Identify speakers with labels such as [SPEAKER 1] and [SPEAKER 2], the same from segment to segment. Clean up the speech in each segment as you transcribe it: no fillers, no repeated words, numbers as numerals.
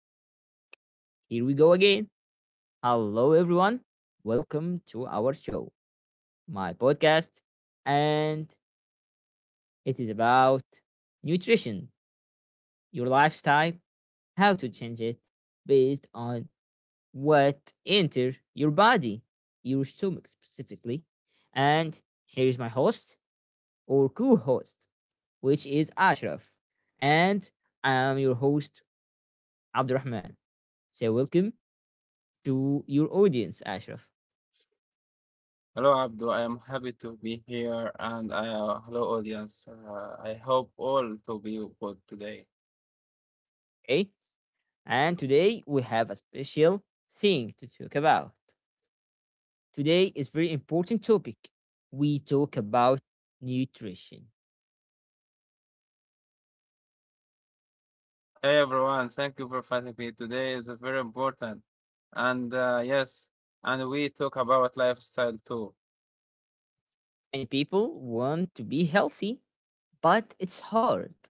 [SPEAKER 1] welcome back. Here we go again. Hello, everyone. Welcome to our show, my podcast. And it is about nutrition, your lifestyle, how to change it based on what enter your body, your stomach specifically. And here is my host or co-host, which is Ashraf. And I am your host, Abdurrahman. So welcome to your audience, Ashraf.
[SPEAKER 2] Hello, Abdul. I am happy to be here, and hello, audience. I hope all to be good today.
[SPEAKER 1] Okay? And today we have a special thing to talk about. Today is very important topic. We talk about nutrition.
[SPEAKER 2] Hey, everyone. Thank you for finding me. Today is very important, and yes, and we talk about lifestyle too.
[SPEAKER 1] Many people want to be healthy, but it's hard.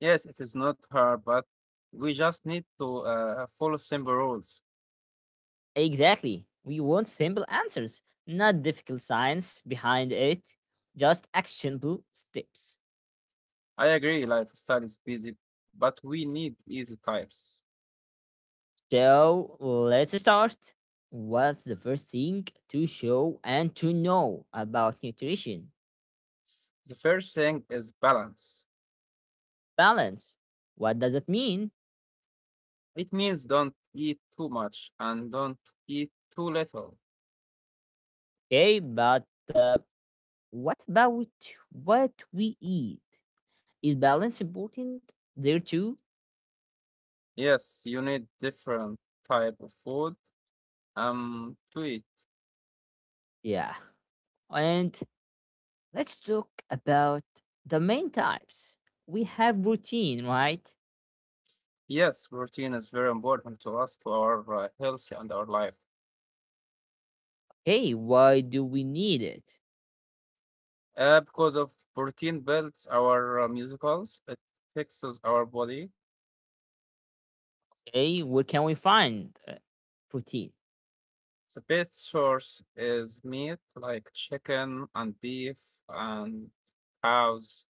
[SPEAKER 2] Yes, it is not hard, but we just need to follow simple rules.
[SPEAKER 1] Exactly. We want simple answers, not difficult science behind it, just actionable steps.
[SPEAKER 2] I agree, lifestyle is busy, but we need easy types.
[SPEAKER 1] So let's start. What's the first thing to show and to know about nutrition?
[SPEAKER 2] The first thing is balance.
[SPEAKER 1] Balance. What does it mean?
[SPEAKER 2] It means don't eat too much and don't eat too little.
[SPEAKER 1] Okay, but uh, what about what we eat? Is balance important there too?
[SPEAKER 2] Yes, you need different type of food to eat.
[SPEAKER 1] Yeah. And let's talk about the main types. We have routine, right?
[SPEAKER 2] Yes, protein is very important to us to our health and our life.
[SPEAKER 1] Hey, why do we need it?
[SPEAKER 2] Because of protein builds our muscles, it fixes our body.
[SPEAKER 1] Hey, where can we find protein?
[SPEAKER 2] The best source is meat like chicken and beef and cows,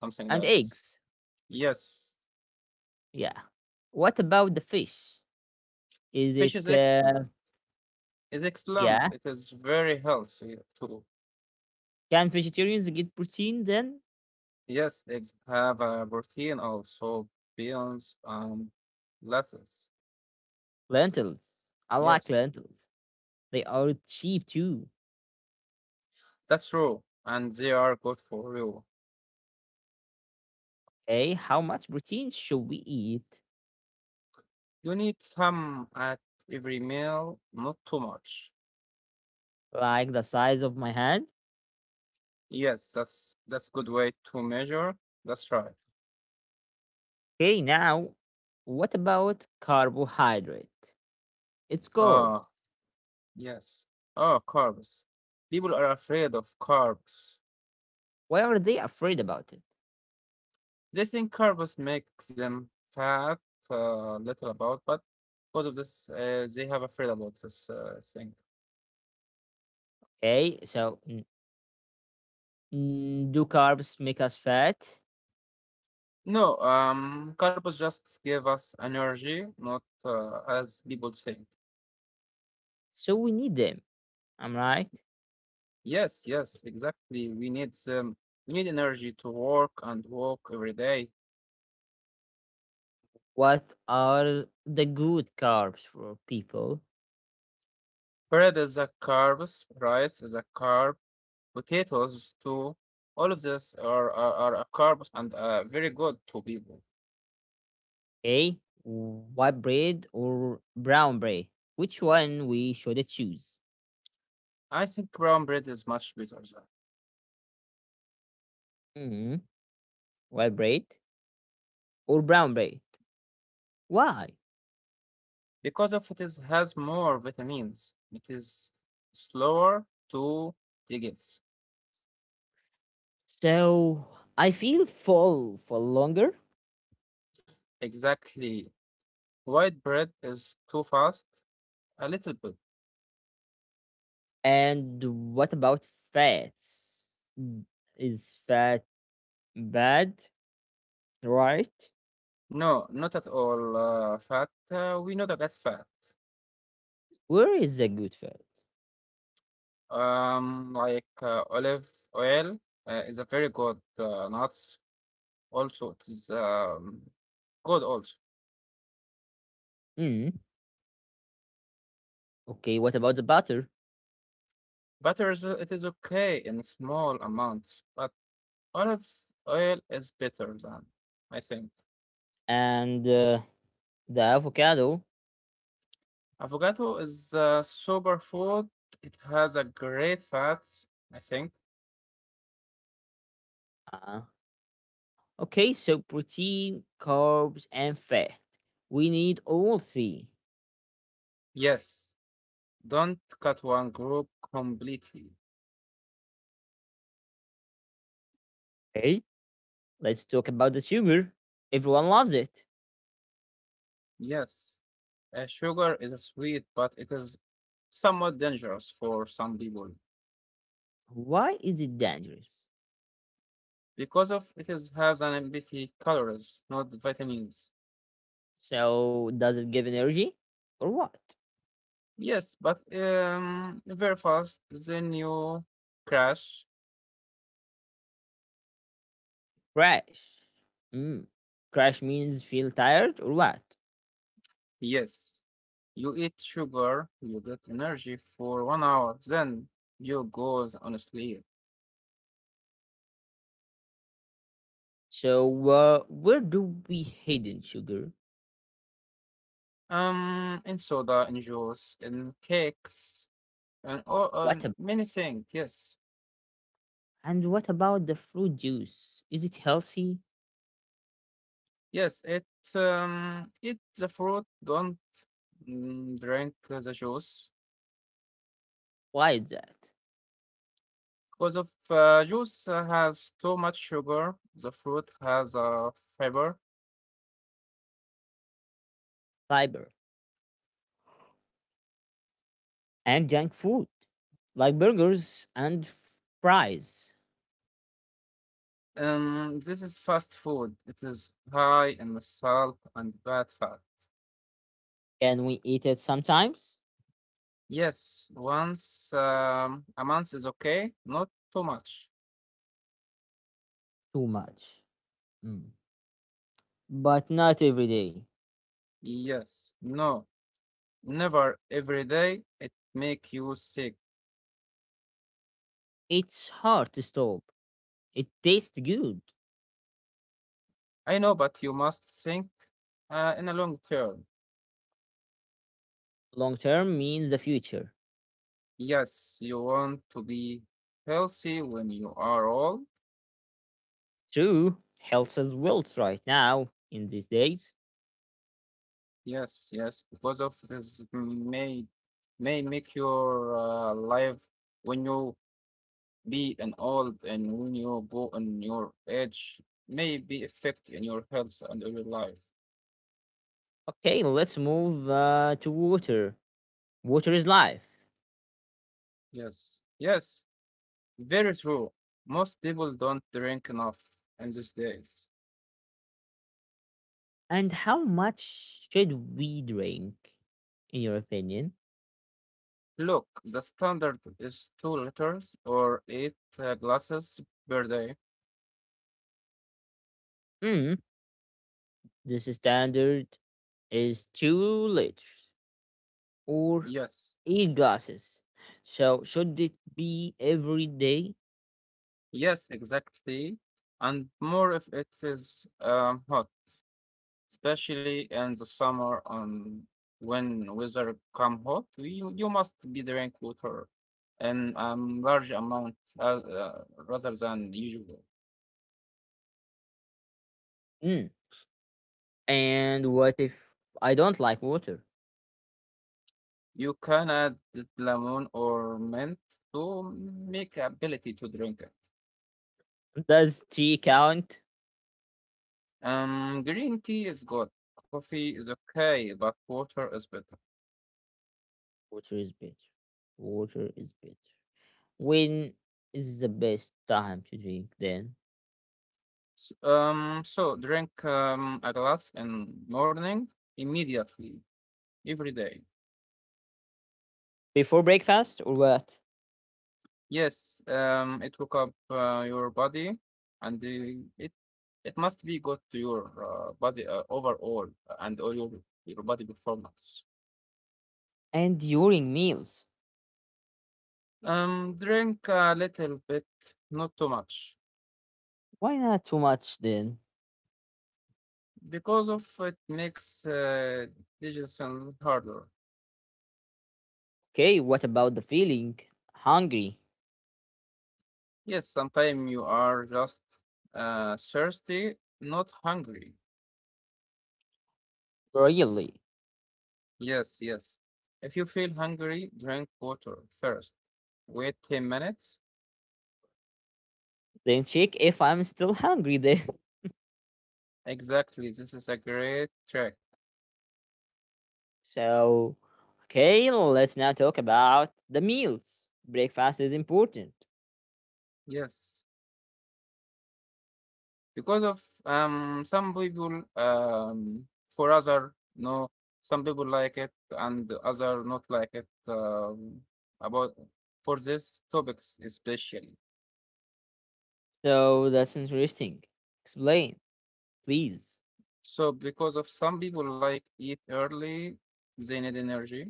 [SPEAKER 2] something
[SPEAKER 1] And
[SPEAKER 2] like this.
[SPEAKER 1] eggs.
[SPEAKER 2] Yes,
[SPEAKER 1] Yeah. What about the fish? Is
[SPEAKER 2] fish
[SPEAKER 1] it,
[SPEAKER 2] is excellent. Is excellent.
[SPEAKER 1] yeah.
[SPEAKER 2] It is very healthy too.
[SPEAKER 1] Can vegetarians get protein then?
[SPEAKER 2] Yes, eggs have a protein also, beans and lettuce.
[SPEAKER 1] Lentils. I like
[SPEAKER 2] Yes,
[SPEAKER 1] lentils. They are cheap too.
[SPEAKER 2] that's true. And they are good for you.
[SPEAKER 1] Hey, how much protein should we eat?
[SPEAKER 2] You need some at every meal, not too much.
[SPEAKER 1] Like the size of my hand?
[SPEAKER 2] Yes, that's good way to measure. That's right.
[SPEAKER 1] Okay, now, what about carbohydrate? It's
[SPEAKER 2] Ah,
[SPEAKER 1] carbs.
[SPEAKER 2] yes. Ah, carbs. People are afraid of carbs.
[SPEAKER 1] Why are they afraid about it?
[SPEAKER 2] They think carbs make them fat, little about, but because of this, they have afraid about this thing.
[SPEAKER 1] Okay, do carbs make us fat?
[SPEAKER 2] No, carbs just give us energy, not as people say.
[SPEAKER 1] So we need them. I'm right.
[SPEAKER 2] Yes, yes, exactly. We need energy to work and walk every day.
[SPEAKER 1] What are the good carbs for people?
[SPEAKER 2] Bread is a carbs, rice is a carb, potatoes too. All of this are a carbs and very good to people.
[SPEAKER 1] A. White bread or brown bread? Which one we should choose?
[SPEAKER 2] I think brown bread is much better
[SPEAKER 1] hmm White bread or brown bread? Why?
[SPEAKER 2] because of it is has more vitamins. It is slower to digest.
[SPEAKER 1] So I feel full for longer.
[SPEAKER 2] Exactly. White bread is too fast? A little bit.
[SPEAKER 1] And what about fats? Mm, Is fat bad? Right?
[SPEAKER 2] No, not at all. Fat. We know the get fat.
[SPEAKER 1] Where is the good fat?
[SPEAKER 2] Like olive oil is a very good nuts. Also, it is good also.
[SPEAKER 1] Mm. Okay. What about the butter
[SPEAKER 2] Butter is okay in small amounts, but olive oil is better than I think.
[SPEAKER 1] and the avocado?
[SPEAKER 2] Avocado is a superfood. It has a great fats. I think.
[SPEAKER 1] Uh, Okay, so protein, carbs, and fat. We need all three.
[SPEAKER 2] Yes, don't cut one group completely.
[SPEAKER 1] Hey, let's talk about the sugar. Everyone loves it.
[SPEAKER 2] Yes, sugar is a sweet, but it is somewhat dangerous for some people
[SPEAKER 1] Why is it dangerous?
[SPEAKER 2] because of it is has an empty calories, not vitamins.
[SPEAKER 1] So, does it give energy or what?
[SPEAKER 2] Yes, but very fast. Then you crash.
[SPEAKER 1] Crash. Mm. Crash means feel tired or what?
[SPEAKER 2] Yes, you eat sugar, you get energy for 1 hour. Then you goes on sleep.
[SPEAKER 1] So, where do we hidden sugar?
[SPEAKER 2] In soda, in juice, in cakes, and all
[SPEAKER 1] What ab-
[SPEAKER 2] many things. Yes.
[SPEAKER 1] and what about the fruit juice? Is it healthy?
[SPEAKER 2] Yes, it it the fruit don't drink the juice
[SPEAKER 1] Why is that?
[SPEAKER 2] because of juice has too much sugar. The fruit has fiber.
[SPEAKER 1] Fiber. And junk food like burgers and fries.
[SPEAKER 2] This is fast food. It is high in the salt and bad fat.
[SPEAKER 1] Can we eat it sometimes?
[SPEAKER 2] Yes, once a month is okay, not too much.
[SPEAKER 1] Too much. Mm. But not every day.
[SPEAKER 2] Yes, no, never every day. It make you sick.
[SPEAKER 1] It's hard to stop. It tastes good.
[SPEAKER 2] I know, but you must think in a long term.
[SPEAKER 1] Long term means the future.
[SPEAKER 2] Yes, you want to be healthy when you are old.
[SPEAKER 1] True, health is wealth right now in these days.
[SPEAKER 2] Yes, yes, because of this may make your life when you be an old and when you go on your age may be affect in your health and your life.
[SPEAKER 1] Okay, let's move to water. Water is life.
[SPEAKER 2] Yes, yes, very true. Most people don't drink enough in these days.
[SPEAKER 1] And how much should we drink, in your opinion?
[SPEAKER 2] Look, the standard is 2 liters or eight glasses per day.
[SPEAKER 1] Mm, This standard is 2 liters or
[SPEAKER 2] Yes.
[SPEAKER 1] 8 glasses. So should it be every day?
[SPEAKER 2] Yes, exactly. And more if it is hot, especially in the summer on when weather come hot, you must be drink water in large amount rather than usual.
[SPEAKER 1] Mm. And what if I don't like water?
[SPEAKER 2] You can add lemon or mint to make ability to drink it.
[SPEAKER 1] Does tea count?
[SPEAKER 2] Green tea is good, coffee is okay, but water is better.
[SPEAKER 1] Water is better. Water is better. When is the best time to drink then?
[SPEAKER 2] So drink a glass in morning immediately every day.
[SPEAKER 1] Before breakfast or what?
[SPEAKER 2] Yes, it woke up your body, and the, it must be good to your body overall and all your body performance.
[SPEAKER 1] And during meals.
[SPEAKER 2] Drink a little bit, not too much,
[SPEAKER 1] Why not too much then?
[SPEAKER 2] because of it makes digestion harder.
[SPEAKER 1] Okay, what about the feeling? Hungry?
[SPEAKER 2] Yes, sometimes you are just thirsty, not hungry.
[SPEAKER 1] Really?
[SPEAKER 2] Yes, yes. If you feel hungry, drink water first. Wait 10 minutes.
[SPEAKER 1] Then check if I'm still hungry then.
[SPEAKER 2] Exactly, this is a great trick.
[SPEAKER 1] So, okay, let's now talk about the meals. Breakfast is important.
[SPEAKER 2] Yes. Because of some people, for other, no, some people like it and other not like it, about for these topics especially.
[SPEAKER 1] So, that's interesting. Explain, please.
[SPEAKER 2] So because of some people like eat early, they need energy.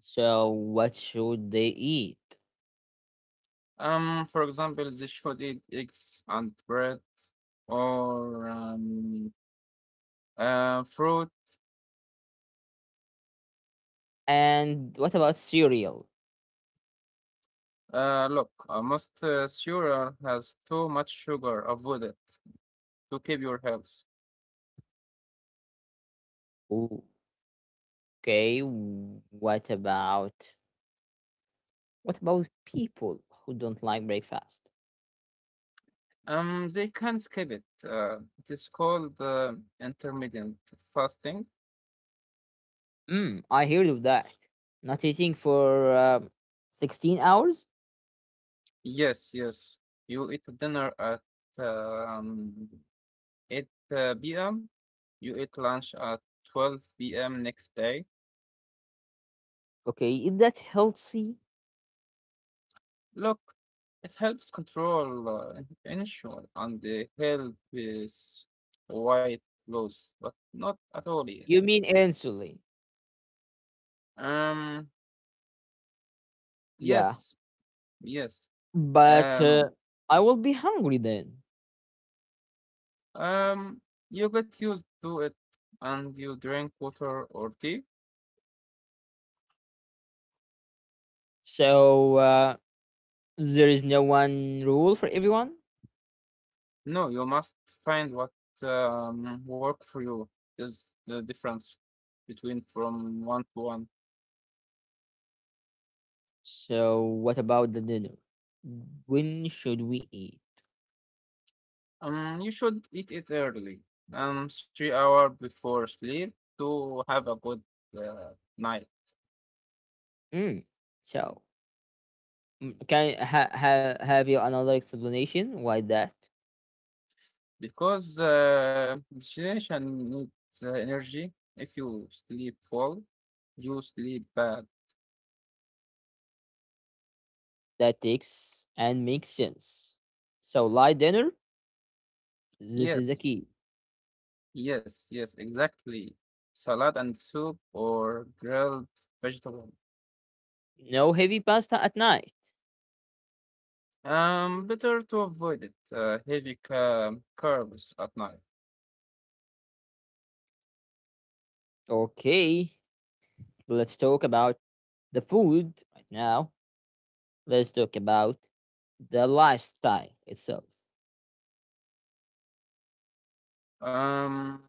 [SPEAKER 1] So, what should they eat?
[SPEAKER 2] For example, they should eat eggs and bread or fruit.
[SPEAKER 1] And what about cereal?
[SPEAKER 2] Look, most cereal has too much sugar. Avoid it to keep your health.
[SPEAKER 1] Ooh, okay, what about people who don't like breakfast?
[SPEAKER 2] They can skip it. It is called intermittent fasting.
[SPEAKER 1] Hmm. I heard of that. Not eating for 16 hours?
[SPEAKER 2] Yes, yes. You eat dinner at um, 8 p.m. You eat lunch at 12 p.m. next day.
[SPEAKER 1] Okay, is that healthy?
[SPEAKER 2] Look, it helps control initial and the help is white loss, but not at all yet.
[SPEAKER 1] You mean insulin?
[SPEAKER 2] Um,
[SPEAKER 1] Yeah,
[SPEAKER 2] yes, yes.
[SPEAKER 1] but
[SPEAKER 2] Um,
[SPEAKER 1] I will be hungry then.
[SPEAKER 2] um, you get used to it and you drink water or tea.
[SPEAKER 1] So there is no one rule for everyone.
[SPEAKER 2] No, you must find what work for you is the difference between from one to one.
[SPEAKER 1] So what about the dinner? When should we eat?
[SPEAKER 2] You should eat it early, 3 hour before sleep to have a good uh, night
[SPEAKER 1] Mm. So can have you another explanation why that
[SPEAKER 2] because digestion needs energy. If you sleep full, you sleep bad.
[SPEAKER 1] that takes and makes sense? So light dinner. This is the
[SPEAKER 2] Yes,
[SPEAKER 1] key.
[SPEAKER 2] yes, yes, exactly. Salad and soup or grilled vegetable.
[SPEAKER 1] No heavy pasta at night.
[SPEAKER 2] Better to avoid it. Heavy carbs at night.
[SPEAKER 1] Okay, let's talk about the food right now. Let's talk about the lifestyle itself.
[SPEAKER 2] Um,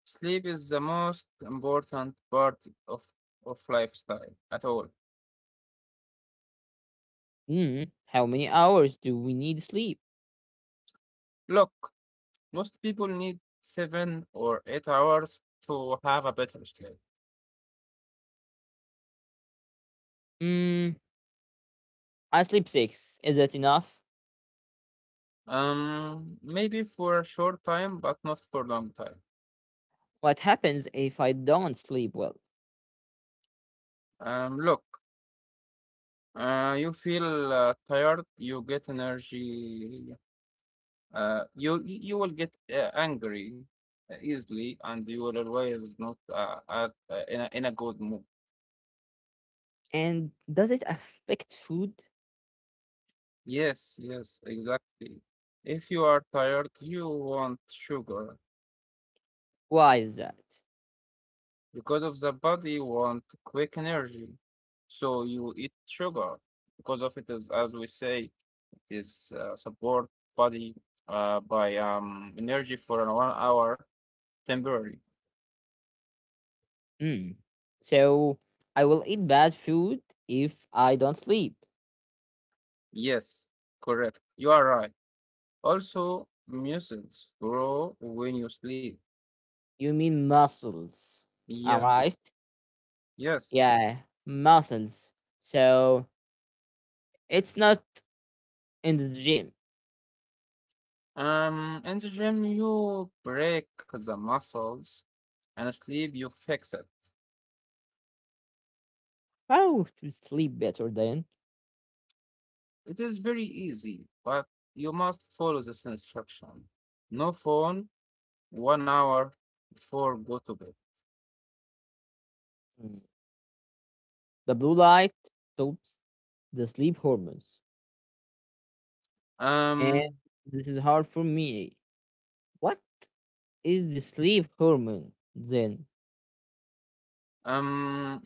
[SPEAKER 2] Sleep is the most important part of, of lifestyle at all.
[SPEAKER 1] How many hours do we need sleep?
[SPEAKER 2] Look, most people need 7 or 8 hours to have a better sleep.
[SPEAKER 1] Mm, I sleep six. Is that enough?
[SPEAKER 2] Maybe for a short time, but not for a long time.
[SPEAKER 1] What happens if I don't sleep well?
[SPEAKER 2] Look, you feel tired, you get energy, you will get angry easily, and you will always not in a good mood.
[SPEAKER 1] And does it affect food?
[SPEAKER 2] Yes, yes, exactly. If you are tired, you want sugar
[SPEAKER 1] Why is that?
[SPEAKER 2] because of the body want quick energy. So you eat sugar because of it is, as we say, it is support body by energy for an 1 hour temporary.
[SPEAKER 1] Mm. So I will eat bad food if I don't sleep.
[SPEAKER 2] Yes, correct. You are right. Also, muscles grow when you sleep.
[SPEAKER 1] You mean muscles. Am I
[SPEAKER 2] Yes,
[SPEAKER 1] right?
[SPEAKER 2] yes.
[SPEAKER 1] Yeah, muscles. So it's not in the gym.
[SPEAKER 2] In the gym, you break the muscles, and sleep, you fix it.
[SPEAKER 1] How to sleep better then?
[SPEAKER 2] It is very easy, but you must follow this instruction. No phone, 1 hour before go to bed.
[SPEAKER 1] Mm. The blue light stops the sleep hormones. And
[SPEAKER 2] Um,
[SPEAKER 1] this is hard for me. What is the sleep hormone then?
[SPEAKER 2] um,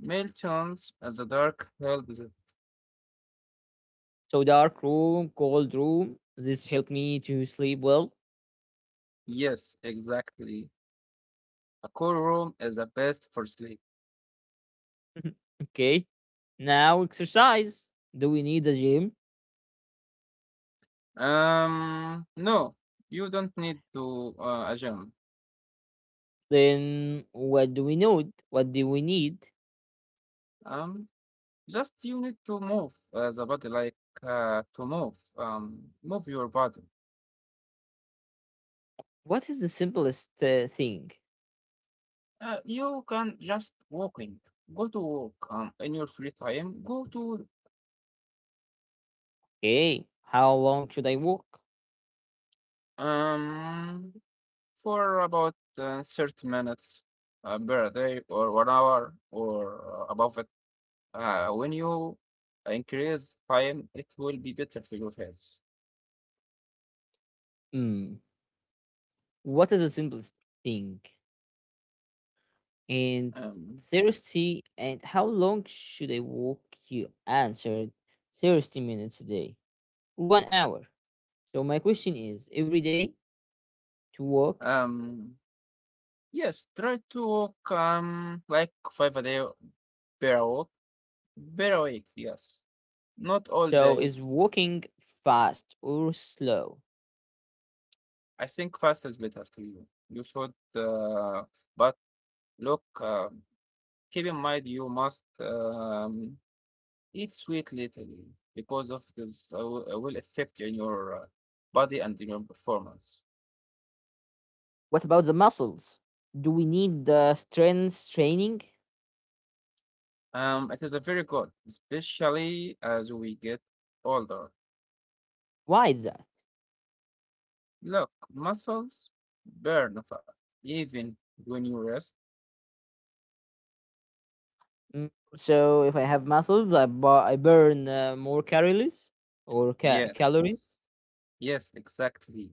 [SPEAKER 2] Meltons as a dark help.
[SPEAKER 1] So dark room, cold room. This helped me to sleep well.
[SPEAKER 2] Yes, exactly. A cool room is the best for sleep.
[SPEAKER 1] Okay. Now exercise. Do we need a gym?
[SPEAKER 2] No, you don't need to a gym.
[SPEAKER 1] Then what do we need? What do we need?
[SPEAKER 2] Um, Just you need to move the body like to move, move your body.
[SPEAKER 1] What is the simplest thing?
[SPEAKER 2] You can just walking. Go to walk in your free time. Go to
[SPEAKER 1] Okay. How long should I walk?
[SPEAKER 2] um for about 30 minutes per day or 1 hour or above it. When you increase time, it will be better for your health.
[SPEAKER 1] Hmm, What is the simplest thing? And
[SPEAKER 2] Um,
[SPEAKER 1] thirsty and how long should I walk? You answered 30 minutes a day, 1 hour. So my question is every day to walk.
[SPEAKER 2] um, yes, try to walk like five a day per hour. Better awake, yes. Not all
[SPEAKER 1] So is
[SPEAKER 2] days.
[SPEAKER 1] walking fast or slow?
[SPEAKER 2] I think fast is better to you. But look, keep in mind you must eat sweet little because of this will affect in your body and in your performance.
[SPEAKER 1] What about the muscles? Do we need the strength training?
[SPEAKER 2] It is a very good, especially as we get older.
[SPEAKER 1] Why is that?
[SPEAKER 2] Look, muscles burn fat even when you rest.
[SPEAKER 1] So if I have muscles, I burn more calories or calories.
[SPEAKER 2] Yes. Yes, exactly.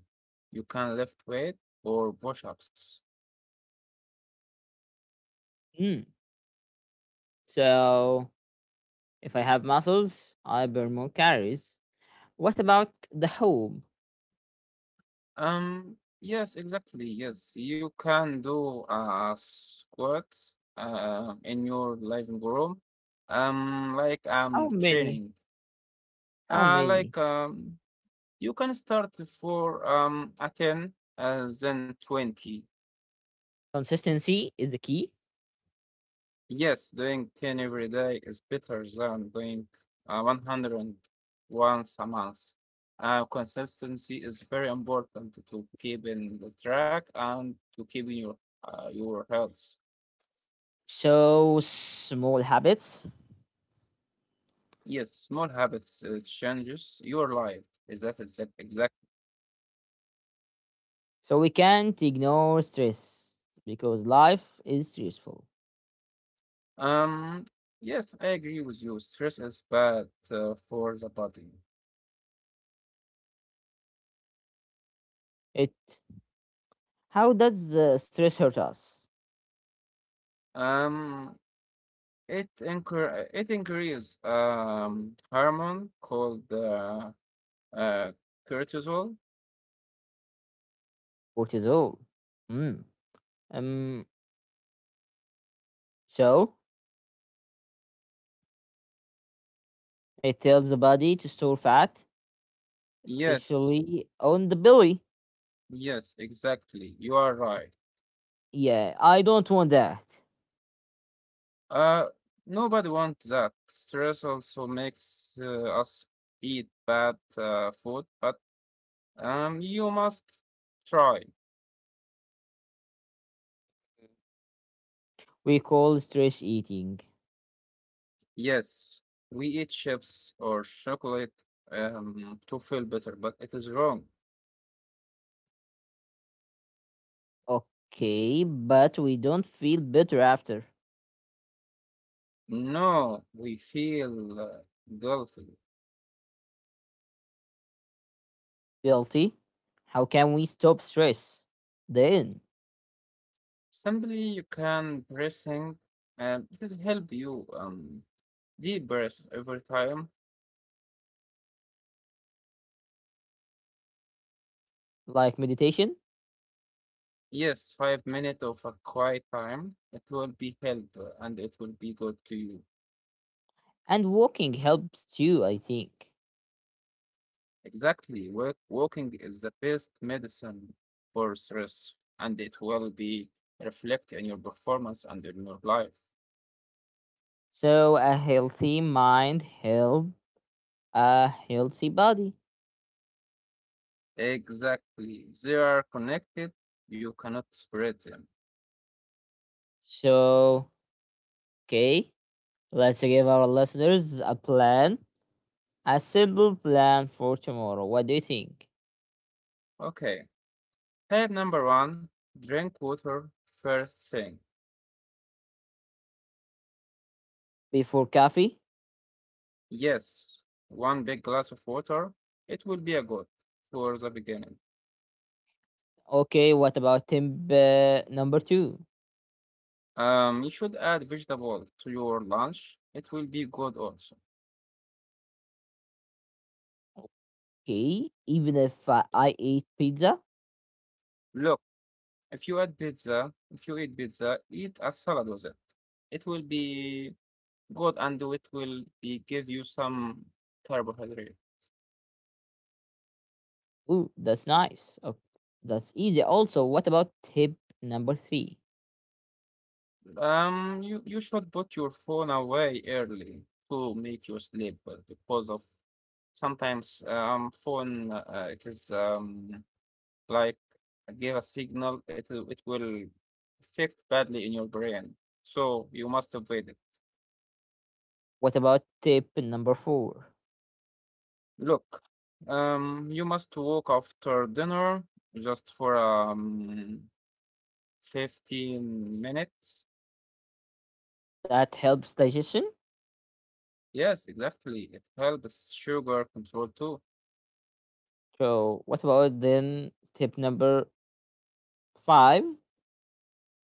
[SPEAKER 2] You can lift weight or push-ups.
[SPEAKER 1] Mm. So if I have muscles, I burn more calories. What about the home?
[SPEAKER 2] Yes, exactly. Yes, you can do a squat in your living room. Um, like
[SPEAKER 1] How
[SPEAKER 2] um
[SPEAKER 1] many?
[SPEAKER 2] training.
[SPEAKER 1] How
[SPEAKER 2] Uh,
[SPEAKER 1] many?
[SPEAKER 2] like um, you can start for a 10, then 20.
[SPEAKER 1] Consistency is the key.
[SPEAKER 2] Yes, doing 10 every day is better than doing 100 once a month. Consistency is very important to keep in the track and to keep in your health.
[SPEAKER 1] So small habits.
[SPEAKER 2] Yes, small habits changes your life. Is that exact? Exact.
[SPEAKER 1] So we can't ignore stress because life is stressful.
[SPEAKER 2] Um. Yes, I agree with you. Stress is bad for the body.
[SPEAKER 1] It. How does the stress hurt us?
[SPEAKER 2] Um. It increases hormone called Uh, cortisol?
[SPEAKER 1] Cortisol. Mm. Um. So it tells the body to store fat,
[SPEAKER 2] Yes,
[SPEAKER 1] especially on the belly.
[SPEAKER 2] yes, exactly. You are right.
[SPEAKER 1] Yeah, I don't want that.
[SPEAKER 2] Uh, nobody wants that. Stress also makes us eat bad food, but you must try.
[SPEAKER 1] We call stress eating.
[SPEAKER 2] Yes, we eat chips or chocolate to feel better, but it is wrong.
[SPEAKER 1] Okay, but we don't feel better after.
[SPEAKER 2] No, we feel guilty.
[SPEAKER 1] Guilty? How can we stop stress? Then,
[SPEAKER 2] Simply, you can pressing. This help you. Deep breath every time.
[SPEAKER 1] like meditation
[SPEAKER 2] Yes, 5 minutes of a quiet time. It will be help and it will be good to you.
[SPEAKER 1] and walking helps too, I think.
[SPEAKER 2] Exactly. Work, walking is the best medicine for stress and it will be reflect in your performance and in your life.
[SPEAKER 1] So, a healthy mind help a healthy body.
[SPEAKER 2] Exactly. They are connected. You cannot spread them.
[SPEAKER 1] So, okay, let's give our listeners a plan, a simple plan for tomorrow. What do you think?
[SPEAKER 2] Okay. Tip number one, drink water first thing.
[SPEAKER 1] Before coffee?
[SPEAKER 2] Yes, one big glass of water. It will be a good for the beginning.
[SPEAKER 1] Okay, what about tip number two?
[SPEAKER 2] You should add vegetable to your lunch. It will be good also.
[SPEAKER 1] Okay, even if I eat pizza,
[SPEAKER 2] Look, if you add pizza, if you eat pizza, eat a salad with it. It will be good and it will be give you some carbohydrate.
[SPEAKER 1] ooh, that's nice. Okay, that's easy. Also, what about tip number three?
[SPEAKER 2] You should put your phone away early to make you sleep because of sometimes phone it is like give a signal, it will affect badly in your brain. So you must avoid it.
[SPEAKER 1] What about tip number four?
[SPEAKER 2] Look, you must walk after dinner just for 15 minutes.
[SPEAKER 1] That helps digestion.
[SPEAKER 2] Yes, exactly. It helps sugar control too.
[SPEAKER 1] So, what about then tip number five?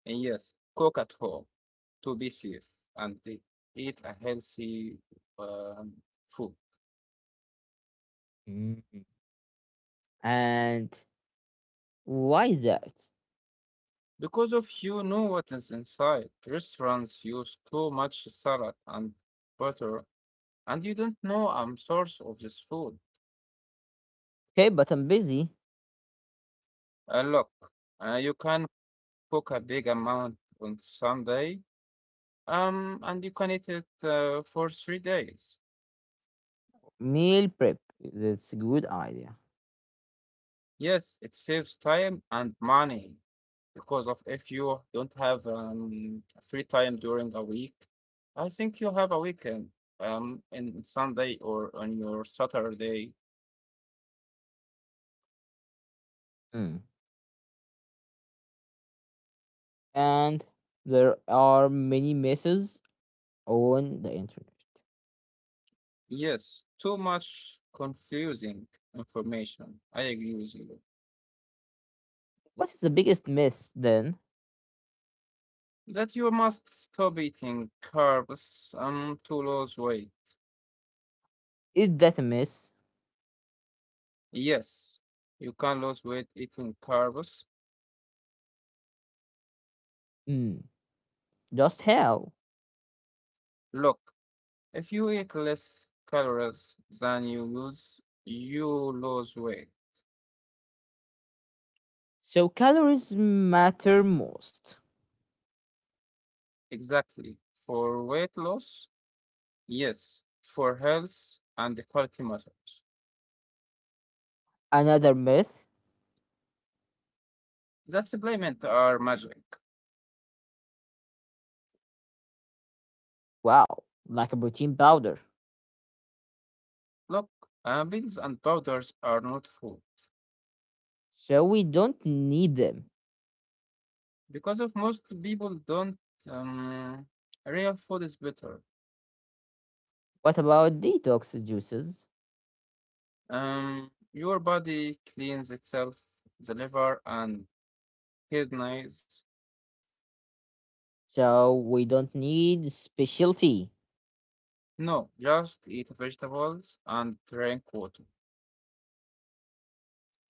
[SPEAKER 2] And yes, cook at home to be safe and eat a healthy um, food.
[SPEAKER 1] Mm. And why is that?
[SPEAKER 2] Because of you know what is inside. Restaurants use too much salad and butter, and you don't know I'm source of this food.
[SPEAKER 1] Okay, but I'm busy.
[SPEAKER 2] Look, you can cook a big amount on Sunday, and you can eat it for 3 days.
[SPEAKER 1] Meal prep. That's a good idea.
[SPEAKER 2] Yes, it saves time and money because of if you don't have free time during a week, I think you have a weekend in Sunday or on your Saturday.
[SPEAKER 1] Mm. And there are many misses on the internet.
[SPEAKER 2] Yes, too much confusing information. I agree with you.
[SPEAKER 1] What is the biggest myth then?
[SPEAKER 2] That you must stop eating carbs to lose weight.
[SPEAKER 1] Is that a myth?
[SPEAKER 2] Yes, you can lose weight eating carbs.
[SPEAKER 1] Mm, just hell.
[SPEAKER 2] Look, if you eat less calories than you lose weight.
[SPEAKER 1] So calories matter most.
[SPEAKER 2] Exactly. For weight loss, yes. For health and the quality matters.
[SPEAKER 1] Another myth?
[SPEAKER 2] That supplement are magic.
[SPEAKER 1] Wow, like a protein powder.
[SPEAKER 2] Look, pills and powders are not food
[SPEAKER 1] So we don't need them.
[SPEAKER 2] because of most people don't um, real food is better.
[SPEAKER 1] What about detox juices?
[SPEAKER 2] Your body cleans itself, the liver and kidneys.
[SPEAKER 1] So we don't need specialty.
[SPEAKER 2] No, just eat vegetables and drink water.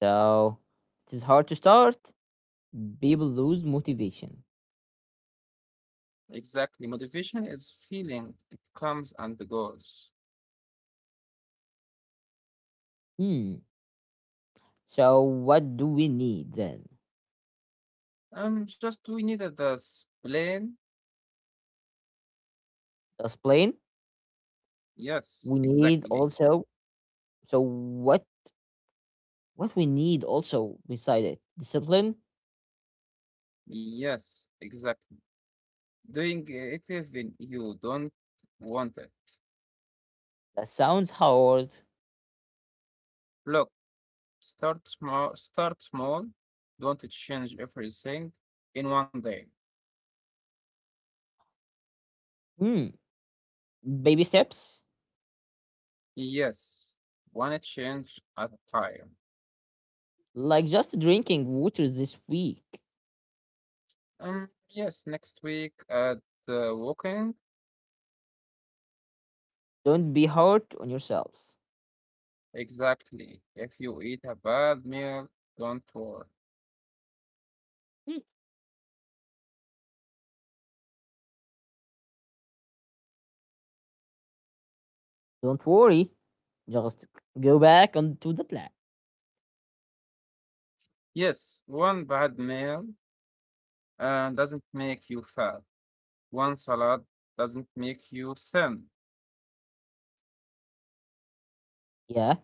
[SPEAKER 1] So it is hard to start. People lose motivation.
[SPEAKER 2] Exactly. Motivation is feeling. It comes and goes.
[SPEAKER 1] Hmm. So what do we need then?
[SPEAKER 2] Just we needed the plane.
[SPEAKER 1] Just plain.
[SPEAKER 2] Yes,
[SPEAKER 1] We need
[SPEAKER 2] exactly.
[SPEAKER 1] also. So what? What we need also beside it? Discipline.
[SPEAKER 2] Yes, exactly. Doing it even you don't want it.
[SPEAKER 1] That sounds hard.
[SPEAKER 2] Look, start small, start small. Don't change everything in one day.
[SPEAKER 1] Hmm. Baby steps?
[SPEAKER 2] Yes, one change at a time.
[SPEAKER 1] Like just drinking water this week.
[SPEAKER 2] Yes, next week at the walking.
[SPEAKER 1] Don't be hard on yourself.
[SPEAKER 2] Exactly. If you eat a bad meal, don't worry.
[SPEAKER 1] Hmm. Don't worry. Just go back onto the plan.
[SPEAKER 2] Yes, one bad meal doesn't make you fat. One salad doesn't make you thin.
[SPEAKER 1] Yeah,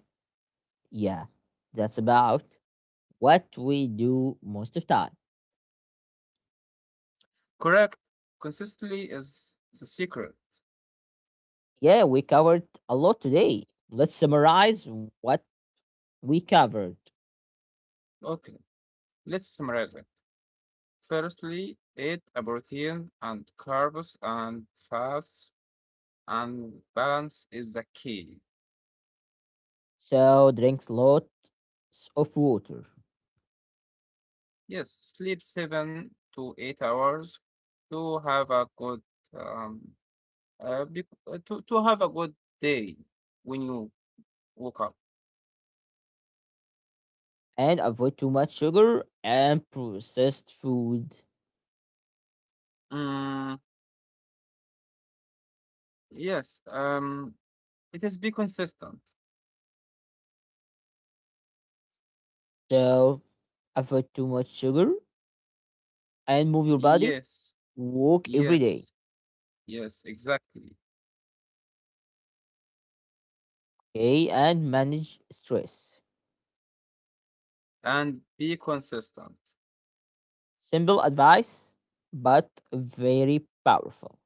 [SPEAKER 1] yeah. That's about what we do most of time.
[SPEAKER 2] Correct. Consistency is the secret.
[SPEAKER 1] Yeah, we covered a lot today. Let's summarize what we covered.
[SPEAKER 2] Okay, let's summarize it. Firstly, eat a protein and carbs and fats, and balance is the key.
[SPEAKER 1] So drink lots of water
[SPEAKER 2] Yes, sleep 7 to 8 hours to have a good um to have a good day when you woke up.
[SPEAKER 1] and avoid too much sugar and processed food.
[SPEAKER 2] Mm, yes. It is be consistent.
[SPEAKER 1] So avoid too much sugar and move your body.
[SPEAKER 2] Yes.
[SPEAKER 1] Walk every day.
[SPEAKER 2] Yes. Yes. Exactly.
[SPEAKER 1] Okay, and manage stress.
[SPEAKER 2] And be consistent.
[SPEAKER 1] Simple advice, but very powerful.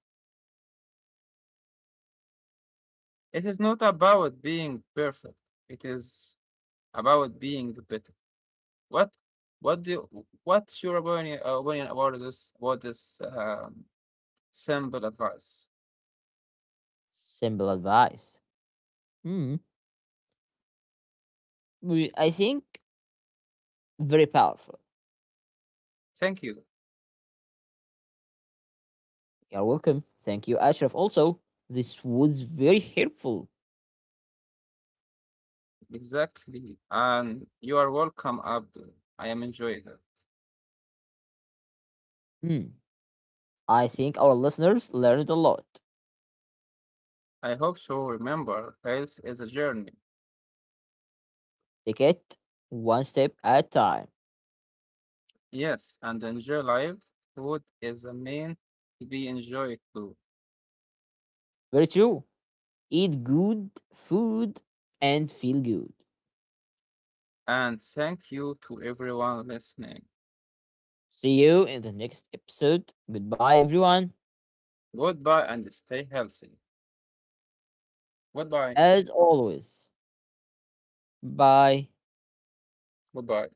[SPEAKER 2] It is not about being perfect. It is about being better. What what do you, what's your opinion, about this simple advice?
[SPEAKER 1] Simple advice. Hmm. I think very powerful.
[SPEAKER 2] Thank you.
[SPEAKER 1] You're welcome. Thank you, Ashraf. Also, this was very helpful.
[SPEAKER 2] Exactly. And you are welcome, Abdul. I am enjoying it.
[SPEAKER 1] Hmm. I think our listeners learned a lot.
[SPEAKER 2] I hope so. Remember, health is a journey.
[SPEAKER 1] Take it one step at a time.
[SPEAKER 2] Yes, and enjoy life. Food is a mean to be enjoyed too.
[SPEAKER 1] Very true. Eat good food and feel good.
[SPEAKER 2] And thank you to everyone listening.
[SPEAKER 1] See you in the next episode. Goodbye, everyone.
[SPEAKER 2] Goodbye and stay healthy. Goodbye.
[SPEAKER 1] As always, bye.
[SPEAKER 2] Goodbye.